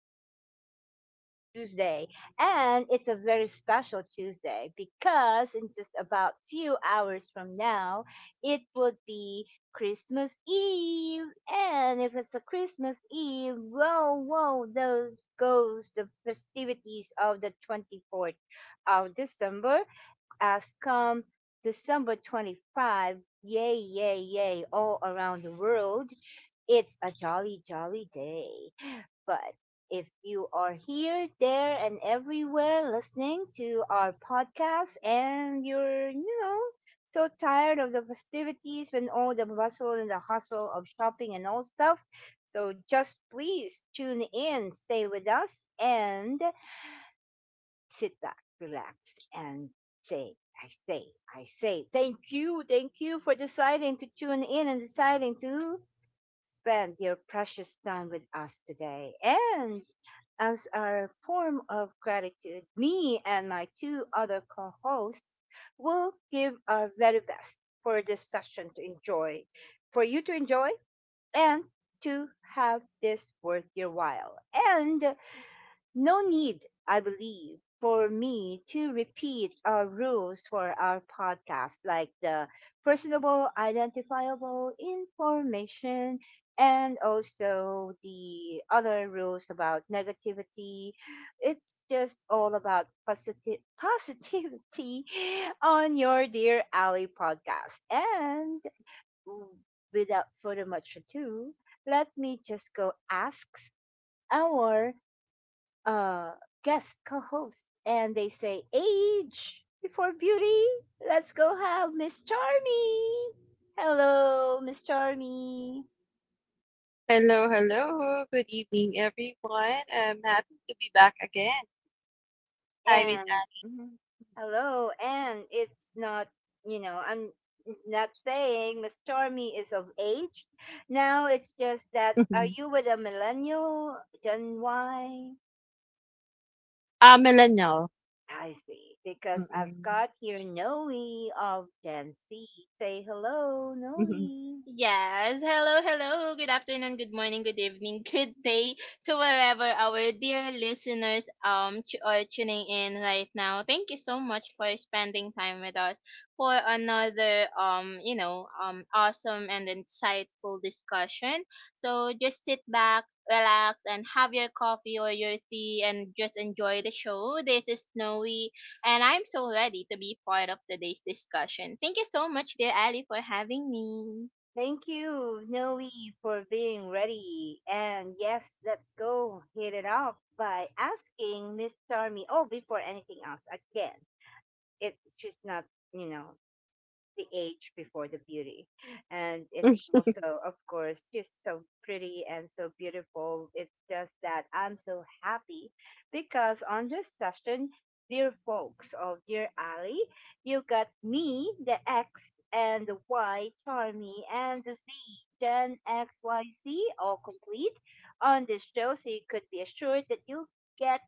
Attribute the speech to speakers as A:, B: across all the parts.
A: recording, it's Tuesday. And it's a very special Tuesday because in just about few hours from now, it would be Christmas Eve. And if it's a Christmas Eve, whoa, whoa, those goes the festivities of the 24th of December as come December 25, yay, yay, yay, all around the world. It's a jolly, jolly day. But if you are here, there, and everywhere listening to our podcast and you're so tired of the festivities and all the bustle and the hustle of shopping and all stuff, so just please tune in, stay with us, and sit back, relax, and say, I say, thank you for deciding to tune in and deciding to spend your precious time with us today. And as our form of gratitude, me and my two other co hosts will give our very best for this session to enjoy, for you to enjoy, and to have this worth your while. And no need, I believe, for me to repeat our rules for our podcast, like the personable, identifiable information, and also the other rules about negativity. It's just all about positive positivity on your dear Ally podcast. And without further much ado, let me just go ask our uh, guest co-host, and they say age before beauty. Let's go have Miss Charmy. Hello, Miss Charmy,
B: Hello, hello. Good evening, everyone. I'm happy to be back again. Hi, Miss
A: and mhm, hello, and it's not, I'm not saying Miss Charmy is of age. Now it's just
B: Anne.
A: that are
B: Mhm.
A: you with a millennial, Gen Y?
B: Ah, millennial.
A: I see, because I've got
B: Mm-mm.
A: here Noe of Gen Z. Say hello,
B: Mhm.
A: Noe.
C: Yes. Hello, hello. Good afternoon, good morning, good evening, good day to wherever our dear listeners are tuning in right now. Thank you so much for spending time with us for another awesome and insightful discussion. So just sit back, relax, and have your coffee or your tea, and just enjoy the show. This is Snowy, and I'm so ready to be part of today's discussion. Thank you so much, dear Ali, for having me.
A: Thank you, Noe, for being ready. And yes, let's go hit it off by asking Miss Charmy. Oh, before anything else, again, if she's not, you know, the age before the beauty. And it's also, of course, just so pretty and so beautiful. It's just that I'm so happy because on this session, dear folks of Dear Ally, you got me, the X, and the Y, Charmy, and the Z, Gen XYZ, all complete on this show. So you could be assured that you get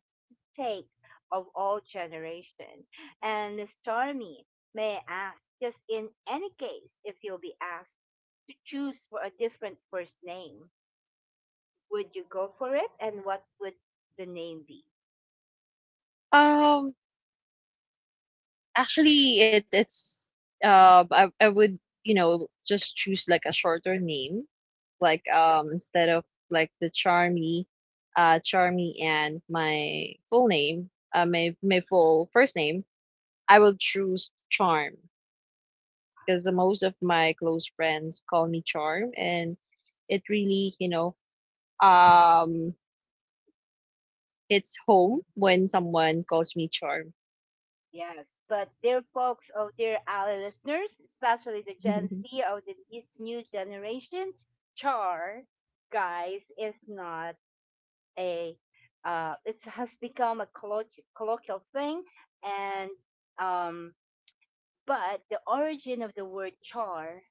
A: take of all generation. And Stormy, may I ask, just in any case, if you'll be asked to choose for a different first name, would you go for it? And what would the name be?
B: Um, Actually, it's I would just choose like a shorter name, like instead of like the Charmy, Charmy and my full name, my full first name. I will choose Charm, because most of my close friends call me Charm, and it really, um, hits home when someone calls me Charm.
A: Yes, but dear folks, oh dear our listeners, especially the Gen Z of this new generation, char, guys, is not. A, uh, it has become a colloquial thing, and um, but the origin of the word char,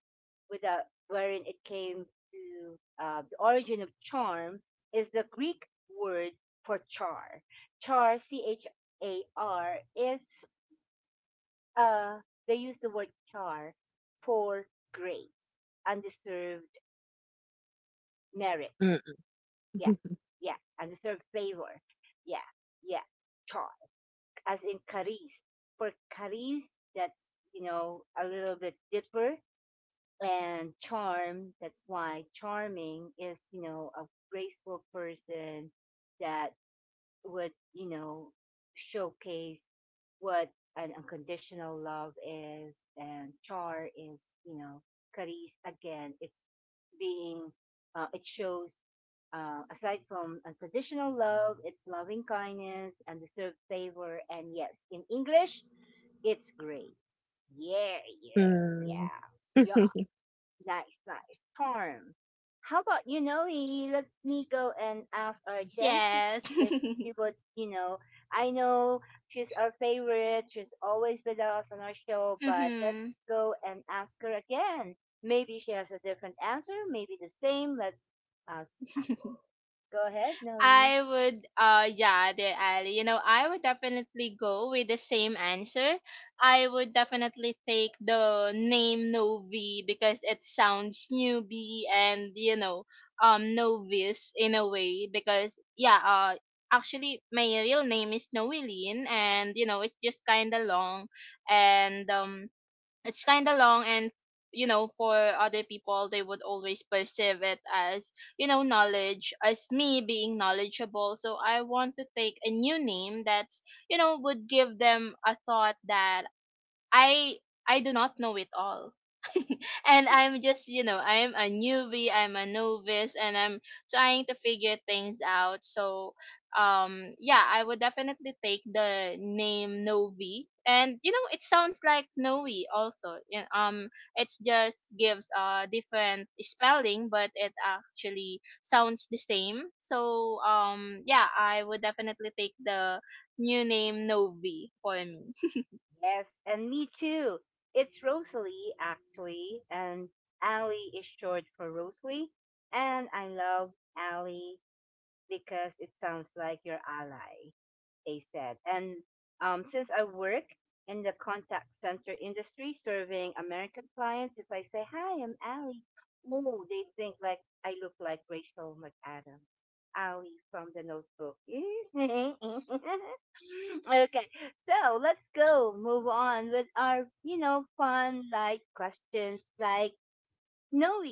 A: without wherein it came to the origin of charm, is the Greek word for char. Char, C H A R, is uh, they use the word char for grace, undeserved merit.
B: Mm,
A: Yeah, yeah, undeserved favor. Yeah, yeah, char, as in charis. For charis, that's a little bit deeper, and charm, that's why charming is a graceful person that would showcase what an unconditional love is, and char is caris again. It's being uh, it shows uh, aside from unconditional love, it's loving kindness and deserved favor. And yes, in English, it's great. Yeah, yeah,
B: mm.
A: yeah, yeah. Nice, nice. Charm. How about, you know, we let me go and ask our Jency
C: Yes.
A: if she would, you know, I know she's our favorite. She's always with us on our show, but let's
C: Mhm.
A: go and ask her again. Maybe she has a different answer, maybe the same. Let's ask. Go ahead, Noe.
C: I would yeah, dear Ali. You know, I would definitely go with the same answer. I would definitely take the name Novi because it sounds newbie and you know, novice in a way because yeah, actually my real name is Noeline and you know, it's just kind of long and it's kind of long and you know, for other people they would always perceive it as you know, knowledge, as me being knowledgeable, so I want to take a new name that's you know, would give them a thought that i I do not know it all, and I'm just, you know, I'm a newbie, I'm a novice, and I'm trying to figure things out. So, yeah, I would definitely take the name Novi. And you know, it sounds like Novi also. Yeah. It just gives a different spelling, but it actually sounds the same. So, yeah, I would definitely take the new name Novi for me.
A: Yes, and me too. It's Rosalie, actually, and Allie is short for Rosalie, and I love Allie because it sounds like your ally, they said. And since I work in the contact center industry serving American clients, if I say, Hi, I'm Allie, oh, they think like I look like Rachel McAdams. Allie from the notebook. Okay, so let's go move on with our, fun like questions like Noe.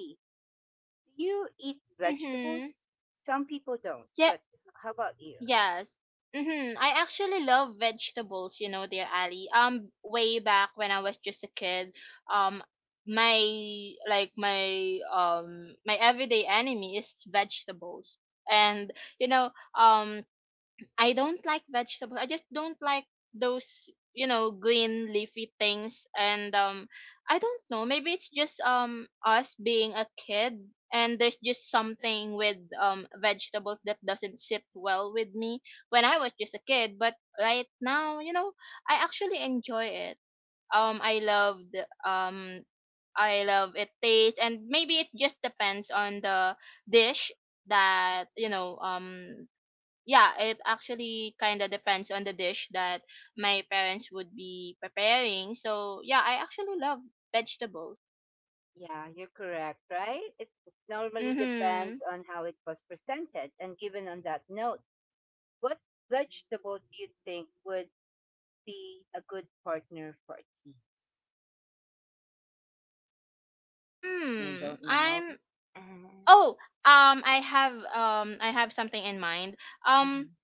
A: Do you eat
C: Mm-hmm.
A: vegetables? Some people don't,
C: Yeah.
A: but how about you?
C: Yes. Mm-hmm. I actually love vegetables, you know, dear Ali. Way back when I was just a kid, um, my like my everyday enemy is vegetables, and you know, um, I don't like vegetables. I just don't like those, you know, green leafy things. And I don't know. Maybe it's just us being a kid, and there's just something with vegetables that doesn't sit well with me when I was just a kid. But right now, you know, I actually enjoy it. I love the I love it taste, and maybe it just depends on the dish that yeah, it actually kind of depends on the dish that my parents would be preparing. So, yeah, I actually love vegetables.
A: Yeah, you're correct, right? It normally depends
C: Mhm.
A: on how it was presented. And given on that note, what vegetable do you think would be a good partner for tea? You
C: Mm.
A: don't know?
C: I'm
A: Mhm,
C: Oh, I have something in mind. Um
A: mhm,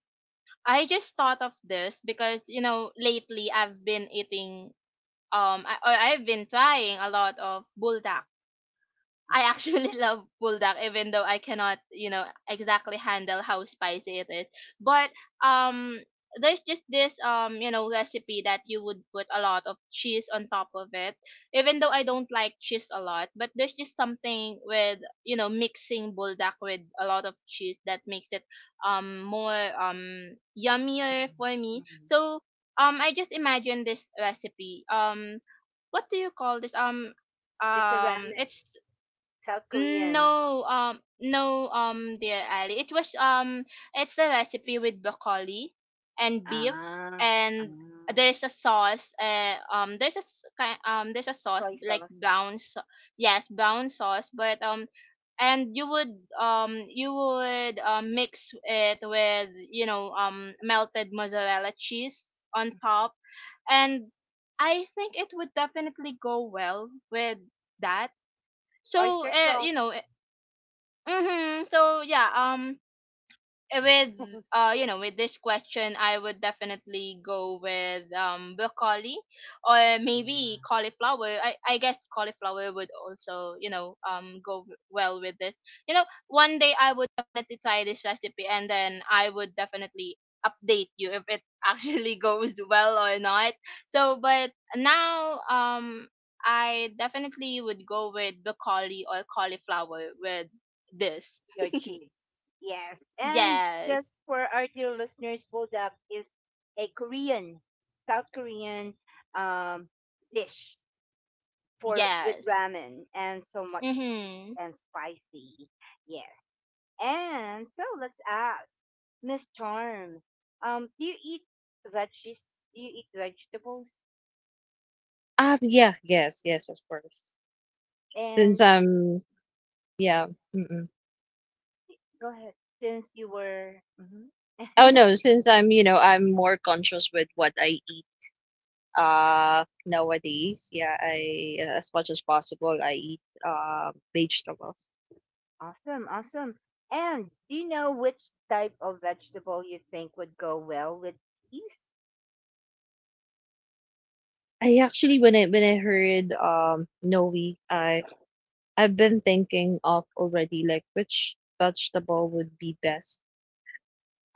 C: I just thought of this because, you know, lately I've been eating I've been trying a lot of buldak. I actually love buldak, even though I cannot, you know, exactly handle how spicy it is. But um, there's just this you know, recipe that you would put a lot of cheese on top of it. Even though I don't like cheese a lot, but there's just something with you know, mixing buldak with a lot of cheese that makes it more yummier
A: mhm,
C: for me.
A: mhm.
C: So I just imagine this recipe What do you call this?
A: It's a ramen,
C: It's
A: South Korean.
C: No, no, dear Ali. It was it's a recipe with broccoli and beef,
A: Ah, ah,
C: and there's a sauce. There's a there's a sauce
A: soy
C: like
A: sauce,
C: brown. So- yes, brown sauce. But and you would mix it with you know, melted mozzarella cheese on top, and I think it would definitely go well with that.
A: oyster
C: So
A: sauce.
C: Mm-hmm. So yeah, with you know, with this question I would definitely go with broccoli or maybe cauliflower. I guess cauliflower would also, you know, go well with this. You know, one day I would definitely try this recipe and then I would definitely update you if it actually goes well or not. So but now I definitely would go with broccoli or cauliflower with this.
A: Your cheese. Yes. And
C: Yes.
A: just for our dear listeners, buldak is a Korean, South Korean um, dish for with
C: Yes.
A: ramen and so much cheese
C: Mhm.
A: and spicy. Yes. And so let's ask Miss Charm, do you eat veggies? Do you eat vegetables?
B: Ah, yeah, yes, yes, of course. Since
A: And
B: I'm, yeah, mm-mm.
A: go ahead, since you were. Mhm.
B: Oh no, since I'm, you know, I'm more conscious with what I eat nowadays. Yeah, I as much as possible I eat vegetables.
A: Awesome, awesome. And do you know which type of vegetable you think would go well with cheese?
B: I actually when I heard Noe, I I've been thinking of already like which vegetable would be best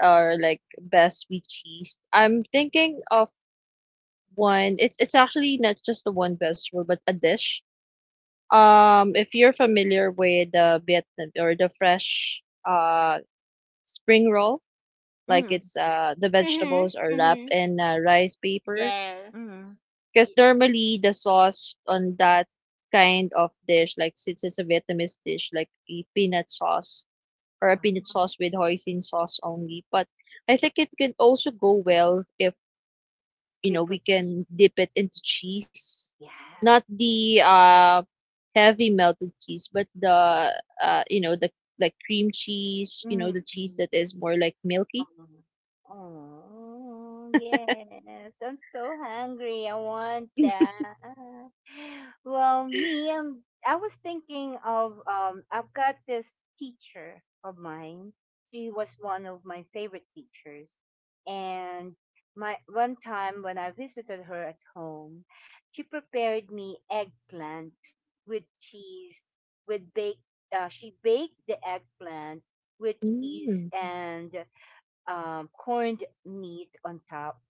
B: or like best with cheese. I'm thinking of one. It's actually not just the one vegetable, but a dish. If you're familiar with the Vietnam or the fresh spring roll, like
A: Mm,
B: it's the
C: Mhm.
B: vegetables are wrapped
C: Mhm.
B: in rice paper.
C: Yes.
A: mm.
B: Because normally the sauce on that kind of dish, like since it's a Vietnamese dish, like a peanut sauce or a peanut
A: Uh,
B: sauce with hoisin sauce only. But I think it can also go well if you
A: we
B: know
A: put
B: we
A: cheese.
B: can dip it into cheese,
A: Yes.
B: not the heavy melted cheese, but the the like cream cheese, you
A: Mm,
B: know the cheese that is more like milky.
A: oh, yes. I'm so hungry. I want that. Well, me, I was thinking of I've got this teacher of mine. She was one of my favorite teachers, and my one time when I visited her at home, she prepared me eggplant with cheese, with baked. She baked the eggplant with cheese
B: Mm.
A: and corned meat on top,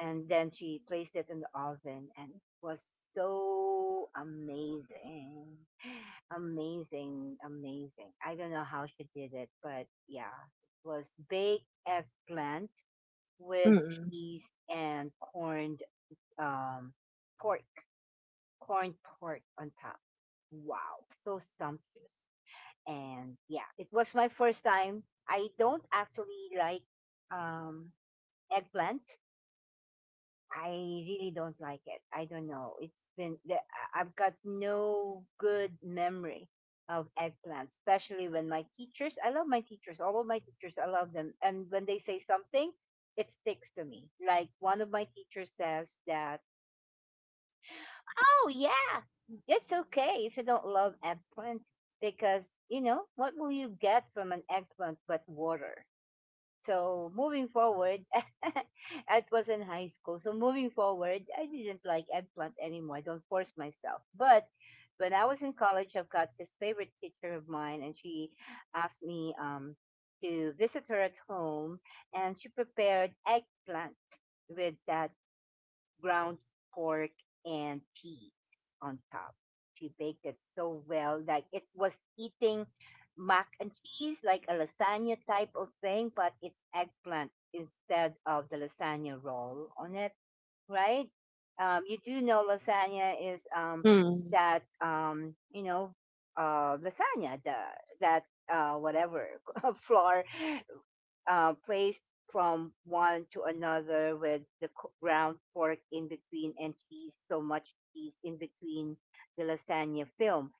A: and then she placed it in the oven, and it was so amazing, amazing, amazing. I don't know how she did it, but yeah, it was baked eggplant with
B: Mm.
A: cheese and corned um, pork, corned pork on top. Wow, so sumptuous. And yeah, it was my first time. I don't actually like um, eggplant. I really don't like it. I don't know. It's been I've got no good memory of eggplant, especially when my teachers. I love my teachers. All of my teachers, I love them. And when they say something, it sticks to me. Like one of my teachers says that, "Oh yeah, it's okay if you don't love eggplant because you know what will you get from an eggplant but water." So moving forward, it was in high school. So moving forward, I didn't like eggplant anymore. I don't force myself. But when I was in college, I've got this favorite teacher of mine, and she asked me to visit her at home, and she prepared eggplant with ground pork and cheese on top. She baked it so well, like it was eating mac and cheese, like a lasagna type of thing, but it's eggplant instead of the lasagna roll on it, right? You do know lasagna is
B: Mm.
A: that you know lasagna, the that whatever flour placed from one to another with the ground pork in between and cheese, so much cheese in between the lasagna film.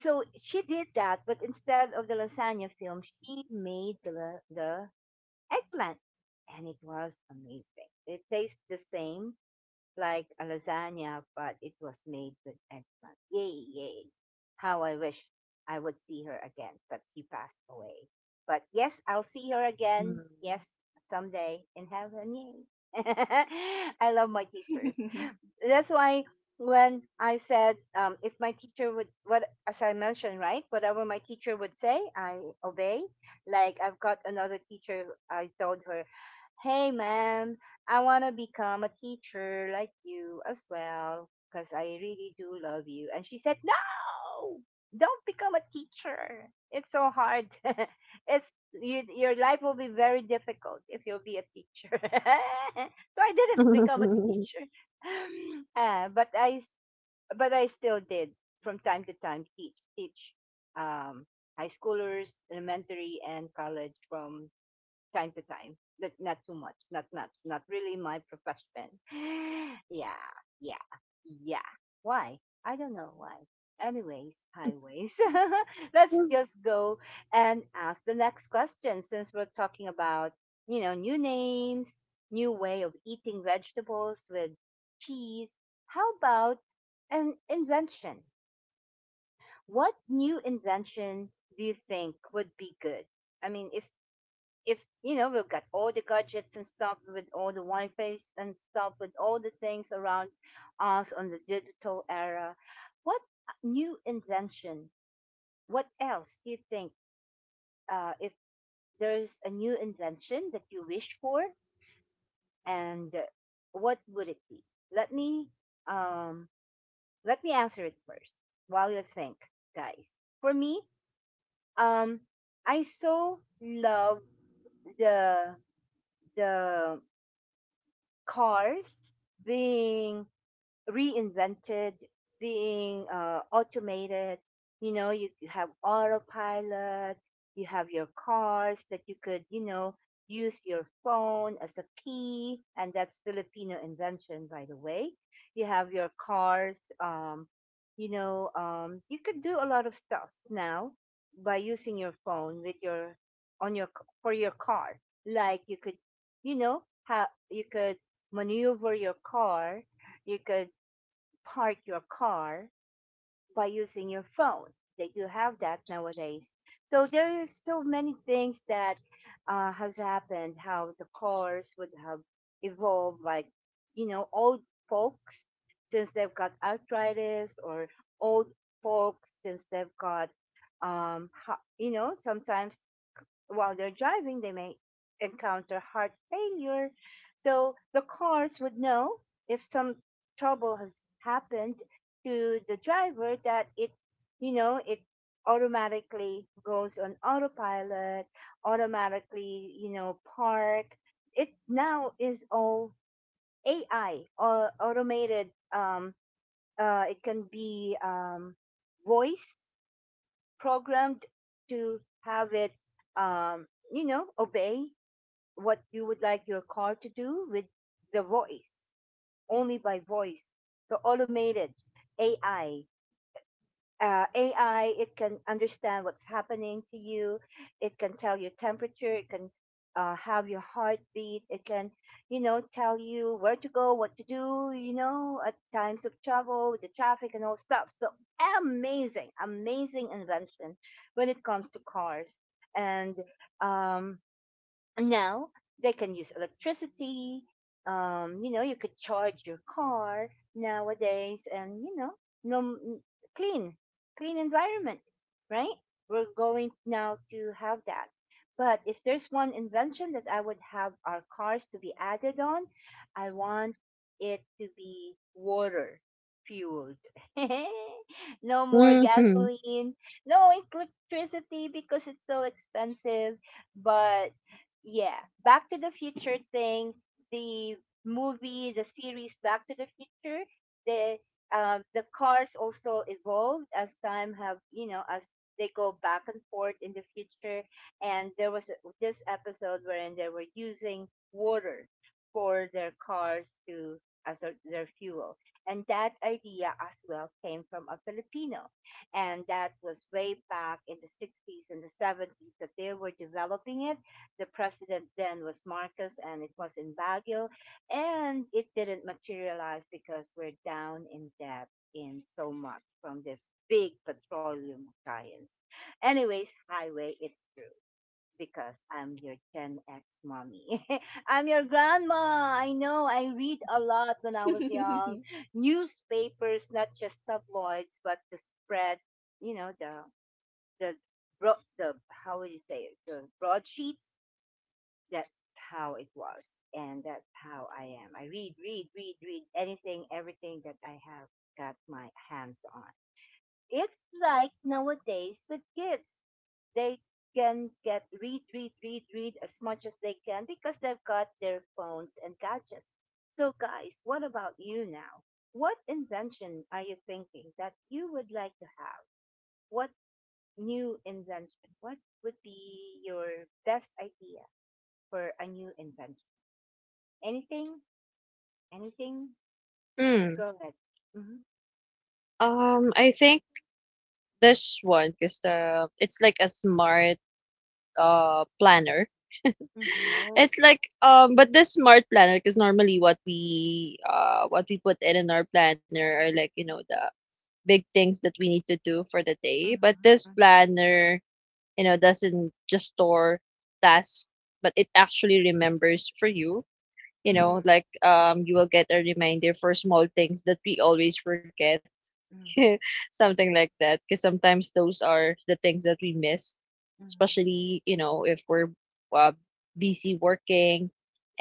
A: So she did that, but instead of the lasagna film, she made the eggplant, and it was amazing. It tastes the same, like a lasagna, but it was made with eggplant. Yay, yay. How I wish I would see her again, but she passed away. But yes, I'll see her again. Yes, someday in heaven. Yay. I love my teachers, that's why when I said, if my teacher would, what as I mentioned, right, whatever my teacher would say, I obey. Like I've got another teacher, I told her, "Hey, ma'am, I wanna become a teacher like you as well, cause I really do love you." And she said, "No, don't become a teacher. It's so hard. Your life will be very difficult if you'll be a teacher." So I didn't become a teacher.
B: Mm.
A: But I still did from time to time teach um, high schoolers, elementary and college from time to time. But not too much. Not not not really my profession. Yeah, yeah, yeah. Why? I don't know why. Anyways, highways. Let's just go and ask the next question since we're talking about, new names, new way of eating vegetables with cheese. How about an invention? What new invention do you think would be good? I mean, if we've got all the gadgets and stuff with all the wi fi's and stuff with all the things around us on the digital era, what new invention, what else do you think, if there's a new invention that you wish for, and what would it be? Let me um let me answer it first while you think, guys. For me, um I so love the the cars being reinvented, being automated. You know, you have autopilot, you have your cars that you could, use your phone as a key, and that's Filipino invention, by the way. You have your cars, you could do a lot of stuff now by using your phone with your on your c- for your car. Like you could, you know, how you could maneuver your car, you could park your car by using your phone. They do have that nowadays. So there are so many things that has happened, how the cars would have evolved, like, old folks since they've got arthritis, or old folks since they've got, um, sometimes while they're driving, they may encounter heart failure. So the cars would know if some trouble has happened to the driver, that it automatically goes on autopilot, automatically, park. It now is all AI, or automated. Um, it can be voice programmed to have it, obey what you would like your car to do with the voice, only by voice. The automated AI uh, AI, it can understand what's happening to you. It can tell your temperature. It can have your heartbeat. It can, tell you where to go, what to do, at times of trouble, the traffic and all stuff. So, amazing, amazing invention when it comes to cars. And um, now they can use electricity. Um, you could charge your car nowadays, and no n- clean clean environment, right? We're going now to have that. But if there's one invention that I would have our cars to be added on, I want it to be water fueled. No more
B: Mhm.
A: gasoline, no electricity because it's so expensive. But yeah, Back to the Future thing, the movie, the series Back to the Future, the the cars also evolved as time have, as they go back and forth in the future. And there was this episode wherein they were using water for their cars to, as a, their fuel, and that idea as well came from a Filipino. And that was way back in the 60s and the 70s that they were developing it. The president then was Marcos, and it was in Baguio, and it didn't materialize because we're down in debt in so much from this big petroleum giants. Anyways, highway, it's true because I'm your Gen X mommy. I'm your grandma. I know, I read a lot when I was young. Newspapers, not just tabloids, but the spread, you know, the the how would you say it? The broadsheets, that's how it was, and that's how I am. I read, read, read, read anything, everything that I have got my hands on. It's like nowadays with kids, they can get, read, read, read, read as much as they can because they've got their phones and gadgets. So, guys, what about you now? What invention are you thinking that you would like to have? What new invention? What would be your best idea for a new invention? Anything? Anything? Go
B: Hmm.
A: ahead. Mhm.
B: I think this one because the it's like a smart planner.
A: Mhm. Oh,
B: It's
A: yeah.
B: like but this smart planner because normally what we put in our planner are like you know the big things that we need to do for the day. But
A: Mhm.
B: this
A: Mhm.
B: planner, you know, doesn't just store tasks, but it actually remembers for you. You know,
A: Mhm.
B: like you will get a reminder for small things that we always forget.
A: Mhm.
B: Something like that because sometimes those are the things that we miss,
A: Mhm.
B: especially you know if we're uh, busy working,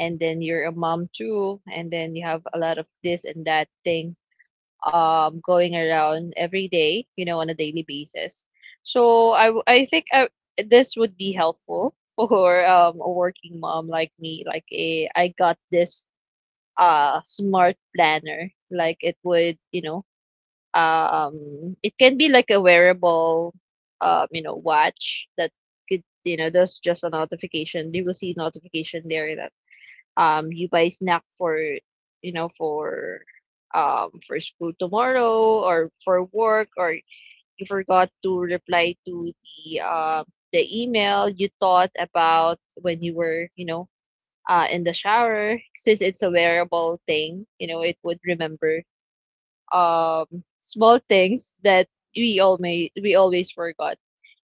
B: and then you're a mom too, and then you have a lot of this and that thing going around every day, you know, on a daily basis. So I think this would be helpful for a working mom like me. Like a I got this smart planner, like it would you know it can be like a wearable, you know, watch that could, you know, there's just a notification. You will see notification there that you buy snack for, you know, for school tomorrow or for work, or you forgot to reply to the email you thought about when you were, you know, in the shower. Since it's a wearable thing, you know, it would remember um small things that we all may we always forgot.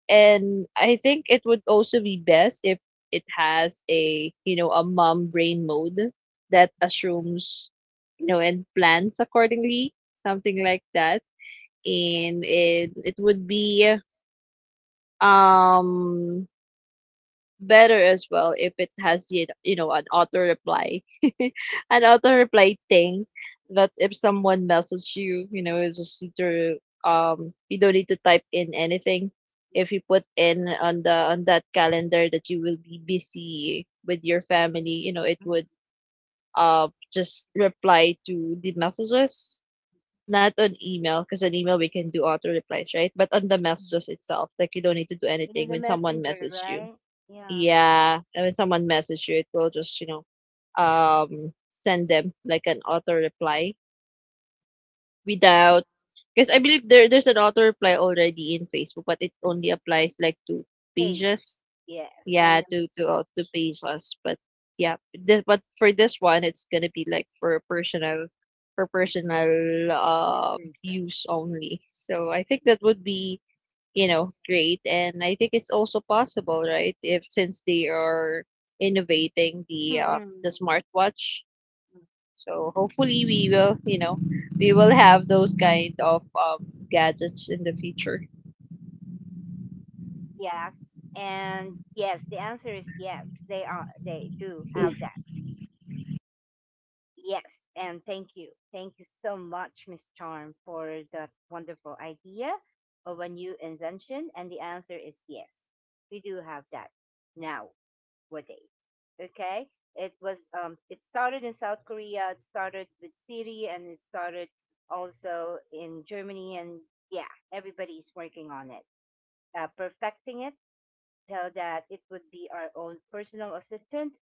B: And I think it would also be best if it has a you know a mom brain mode that assumes you know and plans accordingly, something like that. And it would be um better as well if it has you know an auto reply. An auto reply thing that if someone messages you, you know, it's just either you don't need to type in anything if
A: Mhm.
B: you put in on the on that calendar that you will be busy with your family, you know it would
A: Mhm.
B: just reply to the messages, not on email because on email we can do auto replies, right? But on the
A: Mhm.
B: messages itself, like you don't need to do
A: You need
B: anything
A: the
B: when someone
A: messenger,
B: messages you.
A: right? Yeah.
B: Yeah, and when someone message you, it will just, you know, send them like an auto reply without, because I believe there's an auto reply already in Facebook, but it only applies like to
A: Page.
B: pages.
A: Yes.
B: Yeah,
A: Only on the
B: to to
A: page.
B: pages, but yeah, this, but for this one, it's gonna be like for
A: Mhm.
B: personal
A: Messenger.
B: use only. So I think that would be you know great, and I think it's also possible, right? If since they are innovating the
A: Mm.
B: smartwatch, so hopefully we will you know we will have those kind of gadgets in the future.
A: Yes. And yes, the answer is yes. They are. They do have that. Yes, and thank you. Thank you so much, Miss Charm, for that wonderful idea of a new invention. And the answer is yes. We do have that nowadays. Okay? It was, it started in South Korea, it started with Siri, and it started also in Germany. And yeah, everybody's working on it. Perfecting it, tell that it would be our own personal assistant.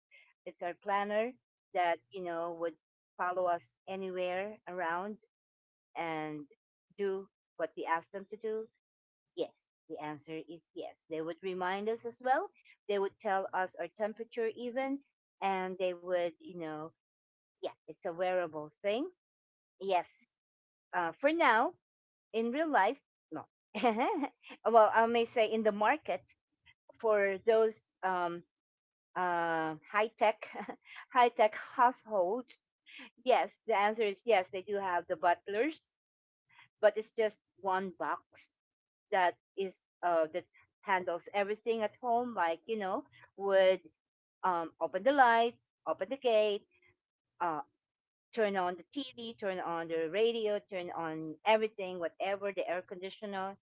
A: It's our planner that, would follow us anywhere around and do what we ask them to do? Yes. The answer is yes. They would remind us as well. They would tell us our temperature even, and they would, yeah, it's a wearable thing. Yes. For now, in real life, no. Well, I may say in the market for those high tech, high tech households? Yes, the answer is yes. They do have the butlers, but it's just one box that handles everything at home. Like, you know, would open the lights, open the gate, uh, turn on the TV, turn on the radio, turn on everything, whatever, the air conditioner,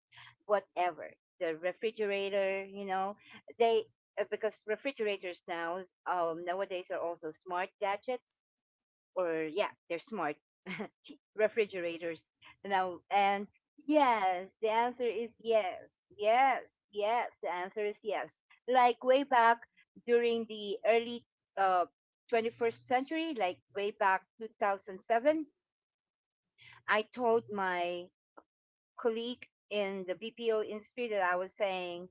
A: whatever, the refrigerator, you know, they, because refrigerators now, nowadays are also smart gadgets, or yeah, they're smart refrigerators now. And yes, the answer is yes, yes, yes. The answer is yes. Like way back during the early, uh, 21st century, like way back 2007, I told my colleague in the BPO industry that I was saying,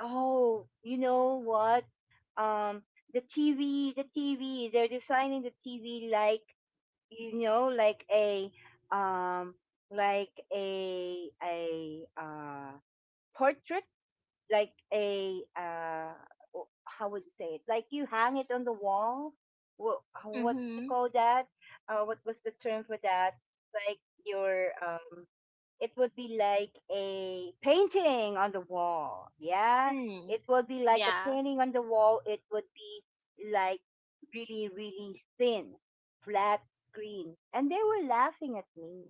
A: oh, you know what? Um, the TV, they're designing the TV like, you know like a um like a portrait, like how would you say it? Like you hang it on the wall. What do you
C: Mhm.
A: call that? What was the term for that? Like your, it would be like a painting on the wall. Yeah.
C: Mm.
A: It would be like a
C: Yeah.
A: painting on the wall. It would be like really, really thin, flat screen. And they were laughing at me.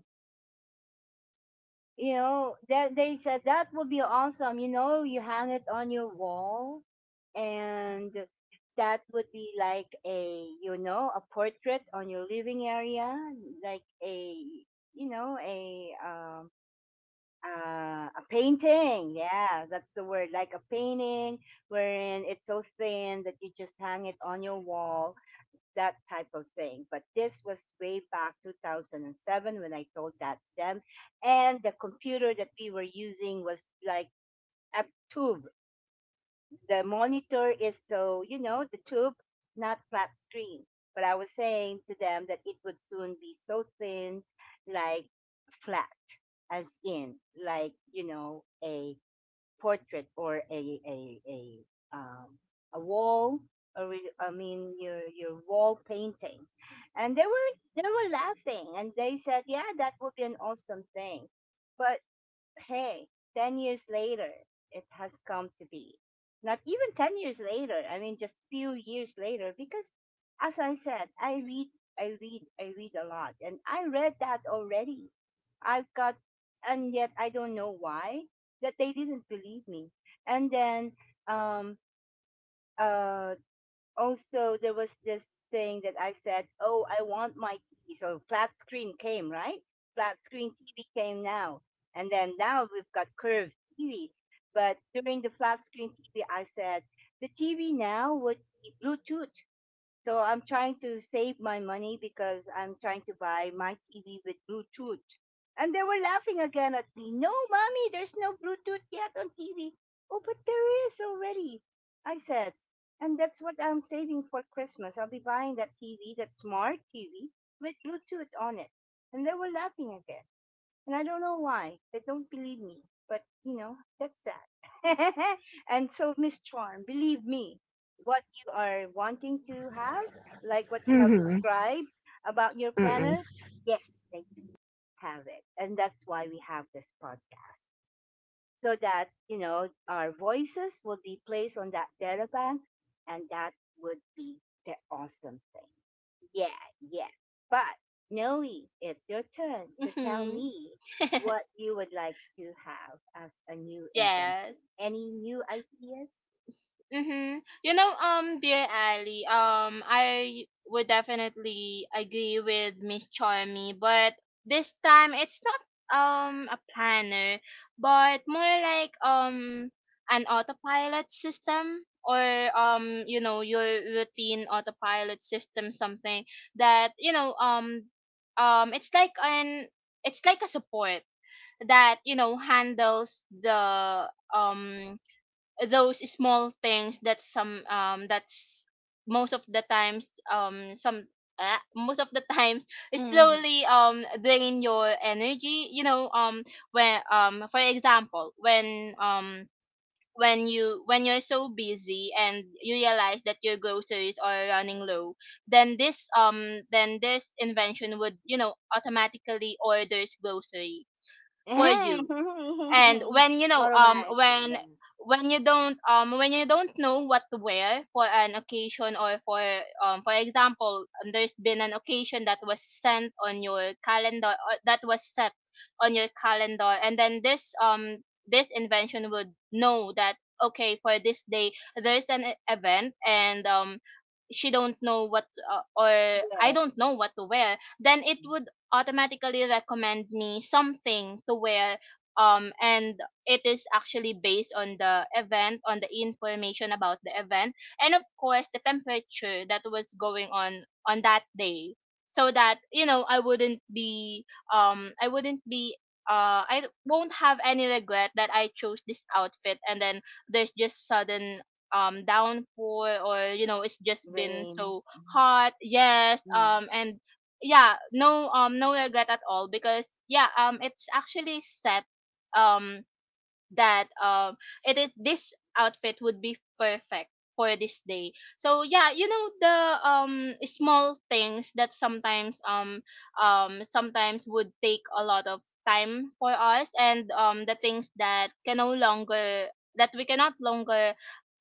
A: You know, they said that would be awesome. You know, you hang it on your wall, and that would be like a, you know, a portrait on your living area, like a, you know, a painting. Yeah, that's the word. Like a painting, wherein it's so thin that you just hang it on your wall, that type of thing. But this was way back 2007 when I told that to them. And the computer that we were using was like a tube. The monitor is so, you know, the tube, not flat screen. But I was saying to them that it would soon be so thin, like flat, as in, like, you know, a portrait, or um a wall, or I mean, your wall painting. And they were laughing, and they said, yeah, that would be an awesome thing. But hey, 10 years later, it has come to be. Not even 10 years later, I mean, just few years later, because as I said, I read, I read, I read a lot, and I read that already. I've got, and yet I don't know why that they didn't believe me. And then, um, uh, also there was this thing that I said, "Oh, I want my TV." So flat screen came, right? Flat screen TV came now, and then now we've got curved TV. But during the flat screen TV, I said the TV now would be Bluetooth. So I'm trying to save my money because I'm trying to buy my TV with Bluetooth. And they were laughing again at me. No, mommy, there's no Bluetooth yet on TV. Oh, but there is already, I said. And that's what I'm saving for Christmas. I'll be buying that TV, that smart TV with Bluetooth on it. And they were laughing again. And I don't know why. They don't believe me. But, you know, that's that. And so, Miss Charm, believe me, what you are wanting to have, like what you have
B: Mm-hmm.
A: described about your
B: Mm-mm.
A: planner, yes, they do have it. And that's why we have this podcast, so that, you know, our voices will be placed on that data bank, and that would be the awesome thing. Yeah, yeah. But Noe, it's your turn to tell
C: Mhm.
A: me what you would like to have as a new invention.
C: Yes.
A: Any new ideas?
C: Mm-hmm. You know, dear Ali, I would definitely agree with Miss Charmy, but this time it's not a planner, but more like an autopilot system or you know, your routine autopilot system, something that you know, it's like an, it's like a support that you know, handles the those small things that some that's most of the times, some most of the times
A: Mm-hmm.
C: slowly drain your energy, you know, when for example when you when you're so busy and you realize that your groceries are running low, then this invention would you know, automatically orders grocery for you. And when you know,
A: What am I? Yeah.
C: when you don't know what to wear for an occasion, or for example there's been an occasion that was sent on your calendar, or that was set on your calendar, and then this this invention would know that okay, for this day there's an event, and she don't know what or I
A: Where?
C: don't know what to wear, then it would automatically recommend me something to wear. And it is actually based on the event, on the information about the event, and of course the temperature that was going on that day, so that you know, I wouldn't be I won't have any regret that I chose this outfit, and then there's just sudden downpour, or you know, it's just been
A: Rain.
C: so hot. Yes.
A: Mm.
C: And yeah, no, no regret at all, because yeah, it's actually set um that it is, this outfit would be perfect for this day. So yeah, you know, the small things that sometimes sometimes would take a lot of time for us, and the things that can no longer, that we cannot longer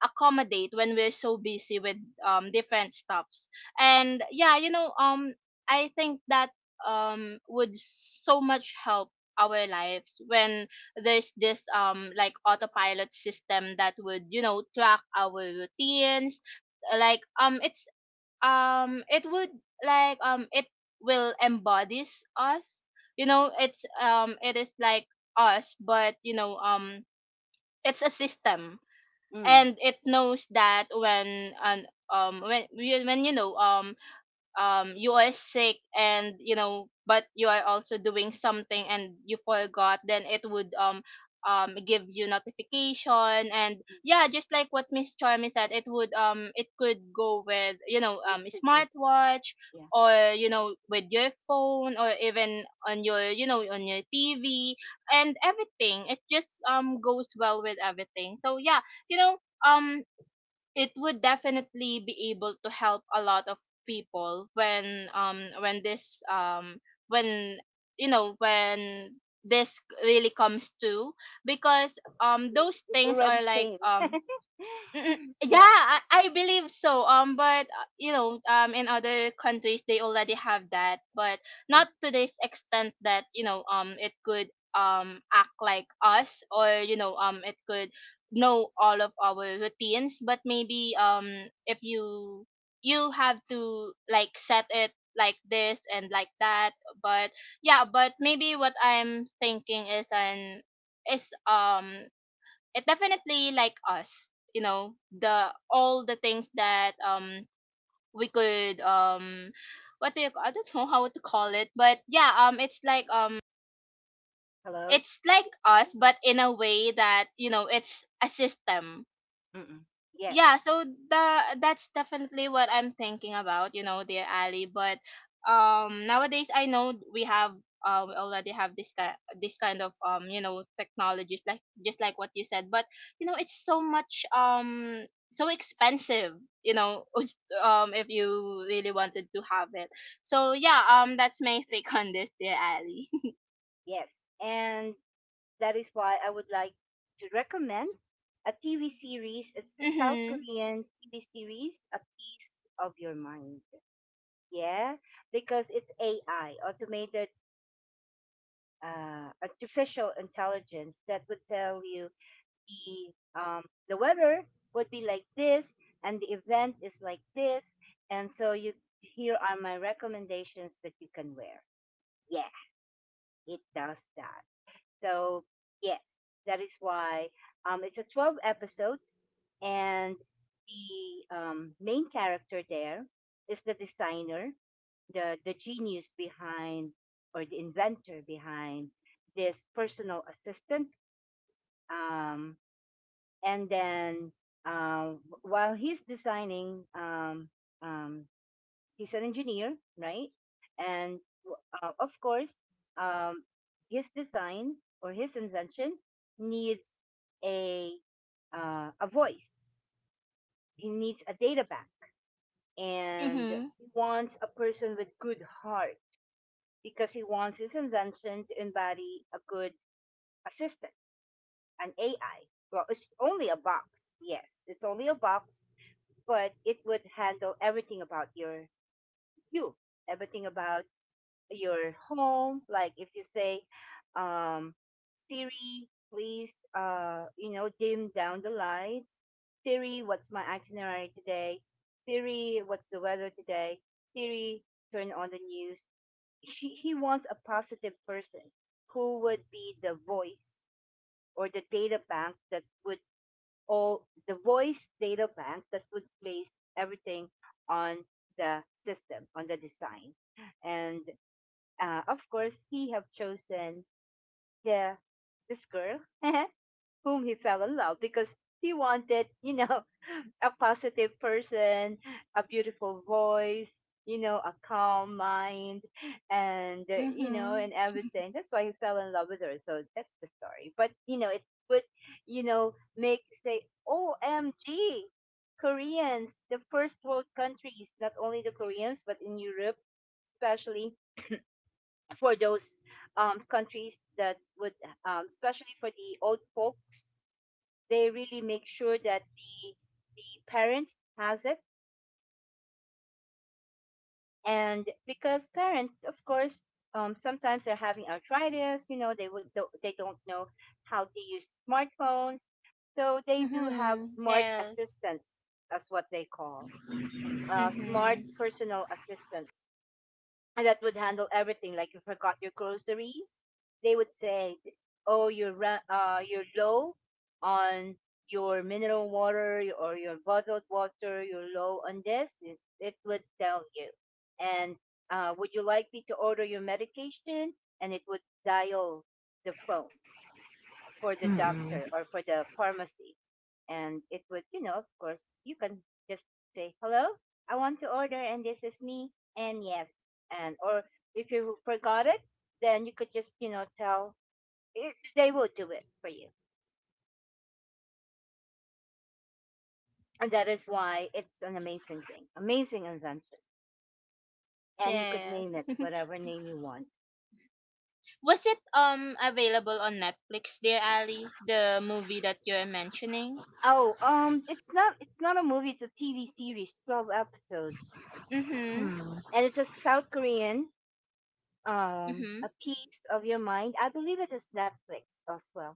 C: accommodate when we're so busy with different stuffs. And yeah, you know, I think that would so much help our lives when there's this like autopilot system that would you know, track our routines, like it would, it will embodies us. You know, it is like us, but you know, it's a system,
A: Mm.
C: and it knows that when an um when when you know, you are sick and you know, but you are also doing something and you forgot, then it would give you notification. And yeah, just like what Miss Charmy said, it would it could go with you know,
A: Messages.
C: smartwatch,
A: Yeah.
C: or you know, with your phone or even on your you know, on your TV, and everything. It just goes well with everything. So yeah, you know, um it would definitely be able to help a lot of people when this when you know, when this really comes to, because
A: Mm,
C: those
A: it
C: things are
A: already
C: like
A: came.
C: Mm-mm. Yeah,
A: Yeah.
C: I believe so. But you know, in other countries they already have that, but not
A: Mm.
C: to this extent that you know, it could act like us, or you know, it could know all of our routines. But maybe if you, you have to like set it like this and like that. But yeah, but maybe what I'm thinking is an is it definitely like us. You know, the all the things that we could what do you, I don't know how to call it, but yeah,
A: Hello?
C: it's like us, but in a way that you know, it's a system.
A: Mm. Mm. Yes.
C: Yeah, so the that's definitely what I'm thinking about, you know, dear Ali. But nowadays I know we have we already have this kind, this kind of you know, technologies, like just like what you said. But you know, it's so much so expensive, you know. If you really wanted to have it, so yeah, that's my take on this, dear Ali.
A: Yes. And that is why I would like to recommend a TV series. It's a South
C: Mhm.
A: Korean TV series, A Piece of Your Mind. Yeah, because it's AI, automated, artificial intelligence, that would tell you the, um, the weather would be like this, and the event is like this, and so, you, here are my recommendations that you can wear. Yeah, it does that. So yes, that is why, it's a 12 episodes, and the, main character there is the designer, the genius behind, or the inventor behind this personal assistant. Um, and then, uh, while he's designing, um, he's an engineer, right? And, of course, um, his design, or his invention, needs a, a voice. He needs a data bank, and
C: Mhm.
A: he wants a person with good heart because he wants his invention to embody a good assistant, an AI. Well, it's only a box. Yes, it's only a box, but it would handle everything about your, you, everything about your home. Like if you say, um, Siri, please, you know, dim down the lights. Siri, what's my itinerary today? Siri, what's the weather today? Siri, turn on the news. He wants a positive person who would be the voice or the data bank that would all the voice data bank that would place everything on the system on the design and Of course, he have chosen the this girl whom he fell in love because he wanted, a positive person, a beautiful voice, a calm mind, and
C: Mhm.
A: and everything. That's why he fell in love with her. So that's the story. But it would, make say, "OMG, Koreans, the first world countries, not only the Koreans, but in Europe, especially for those countries that would, especially for the old folks, they really make sure that the parents has it, and because parents, of course, sometimes they're having arthritis. You know, they would do they don't know how to use smartphones, so they do have
C: Mhm.
A: smart
C: Yes.
A: assistants. That's what they call smart
C: Mhm.
A: personal assistants that would handle everything. Like you forgot your groceries, they would say, "Oh, you're low on your mineral water or your bottled water. You're low on this." It would tell you, and would you like me to order your medication? And it would dial the phone for the
B: Mm-mm.
A: doctor or for the pharmacy. And it would, you know, of course, you can just say, hello, I want to order, and this is me, and yes. And, or if you forgot it, then you could just, you know, tell, it, they will do it for you. And that is why it's an amazing thing, amazing invention. And you could
C: Yes.
A: name it whatever name you want.
C: Was it available on Netflix, dear Ali? The movie that you're mentioning?
A: Oh, it's not a movie, it's a TV series, 12 episodes.
C: Mhm.
B: Mm-mm.
A: And it's a South Korean
C: Mhm.
A: a piece of your mind. I believe it is Netflix as well.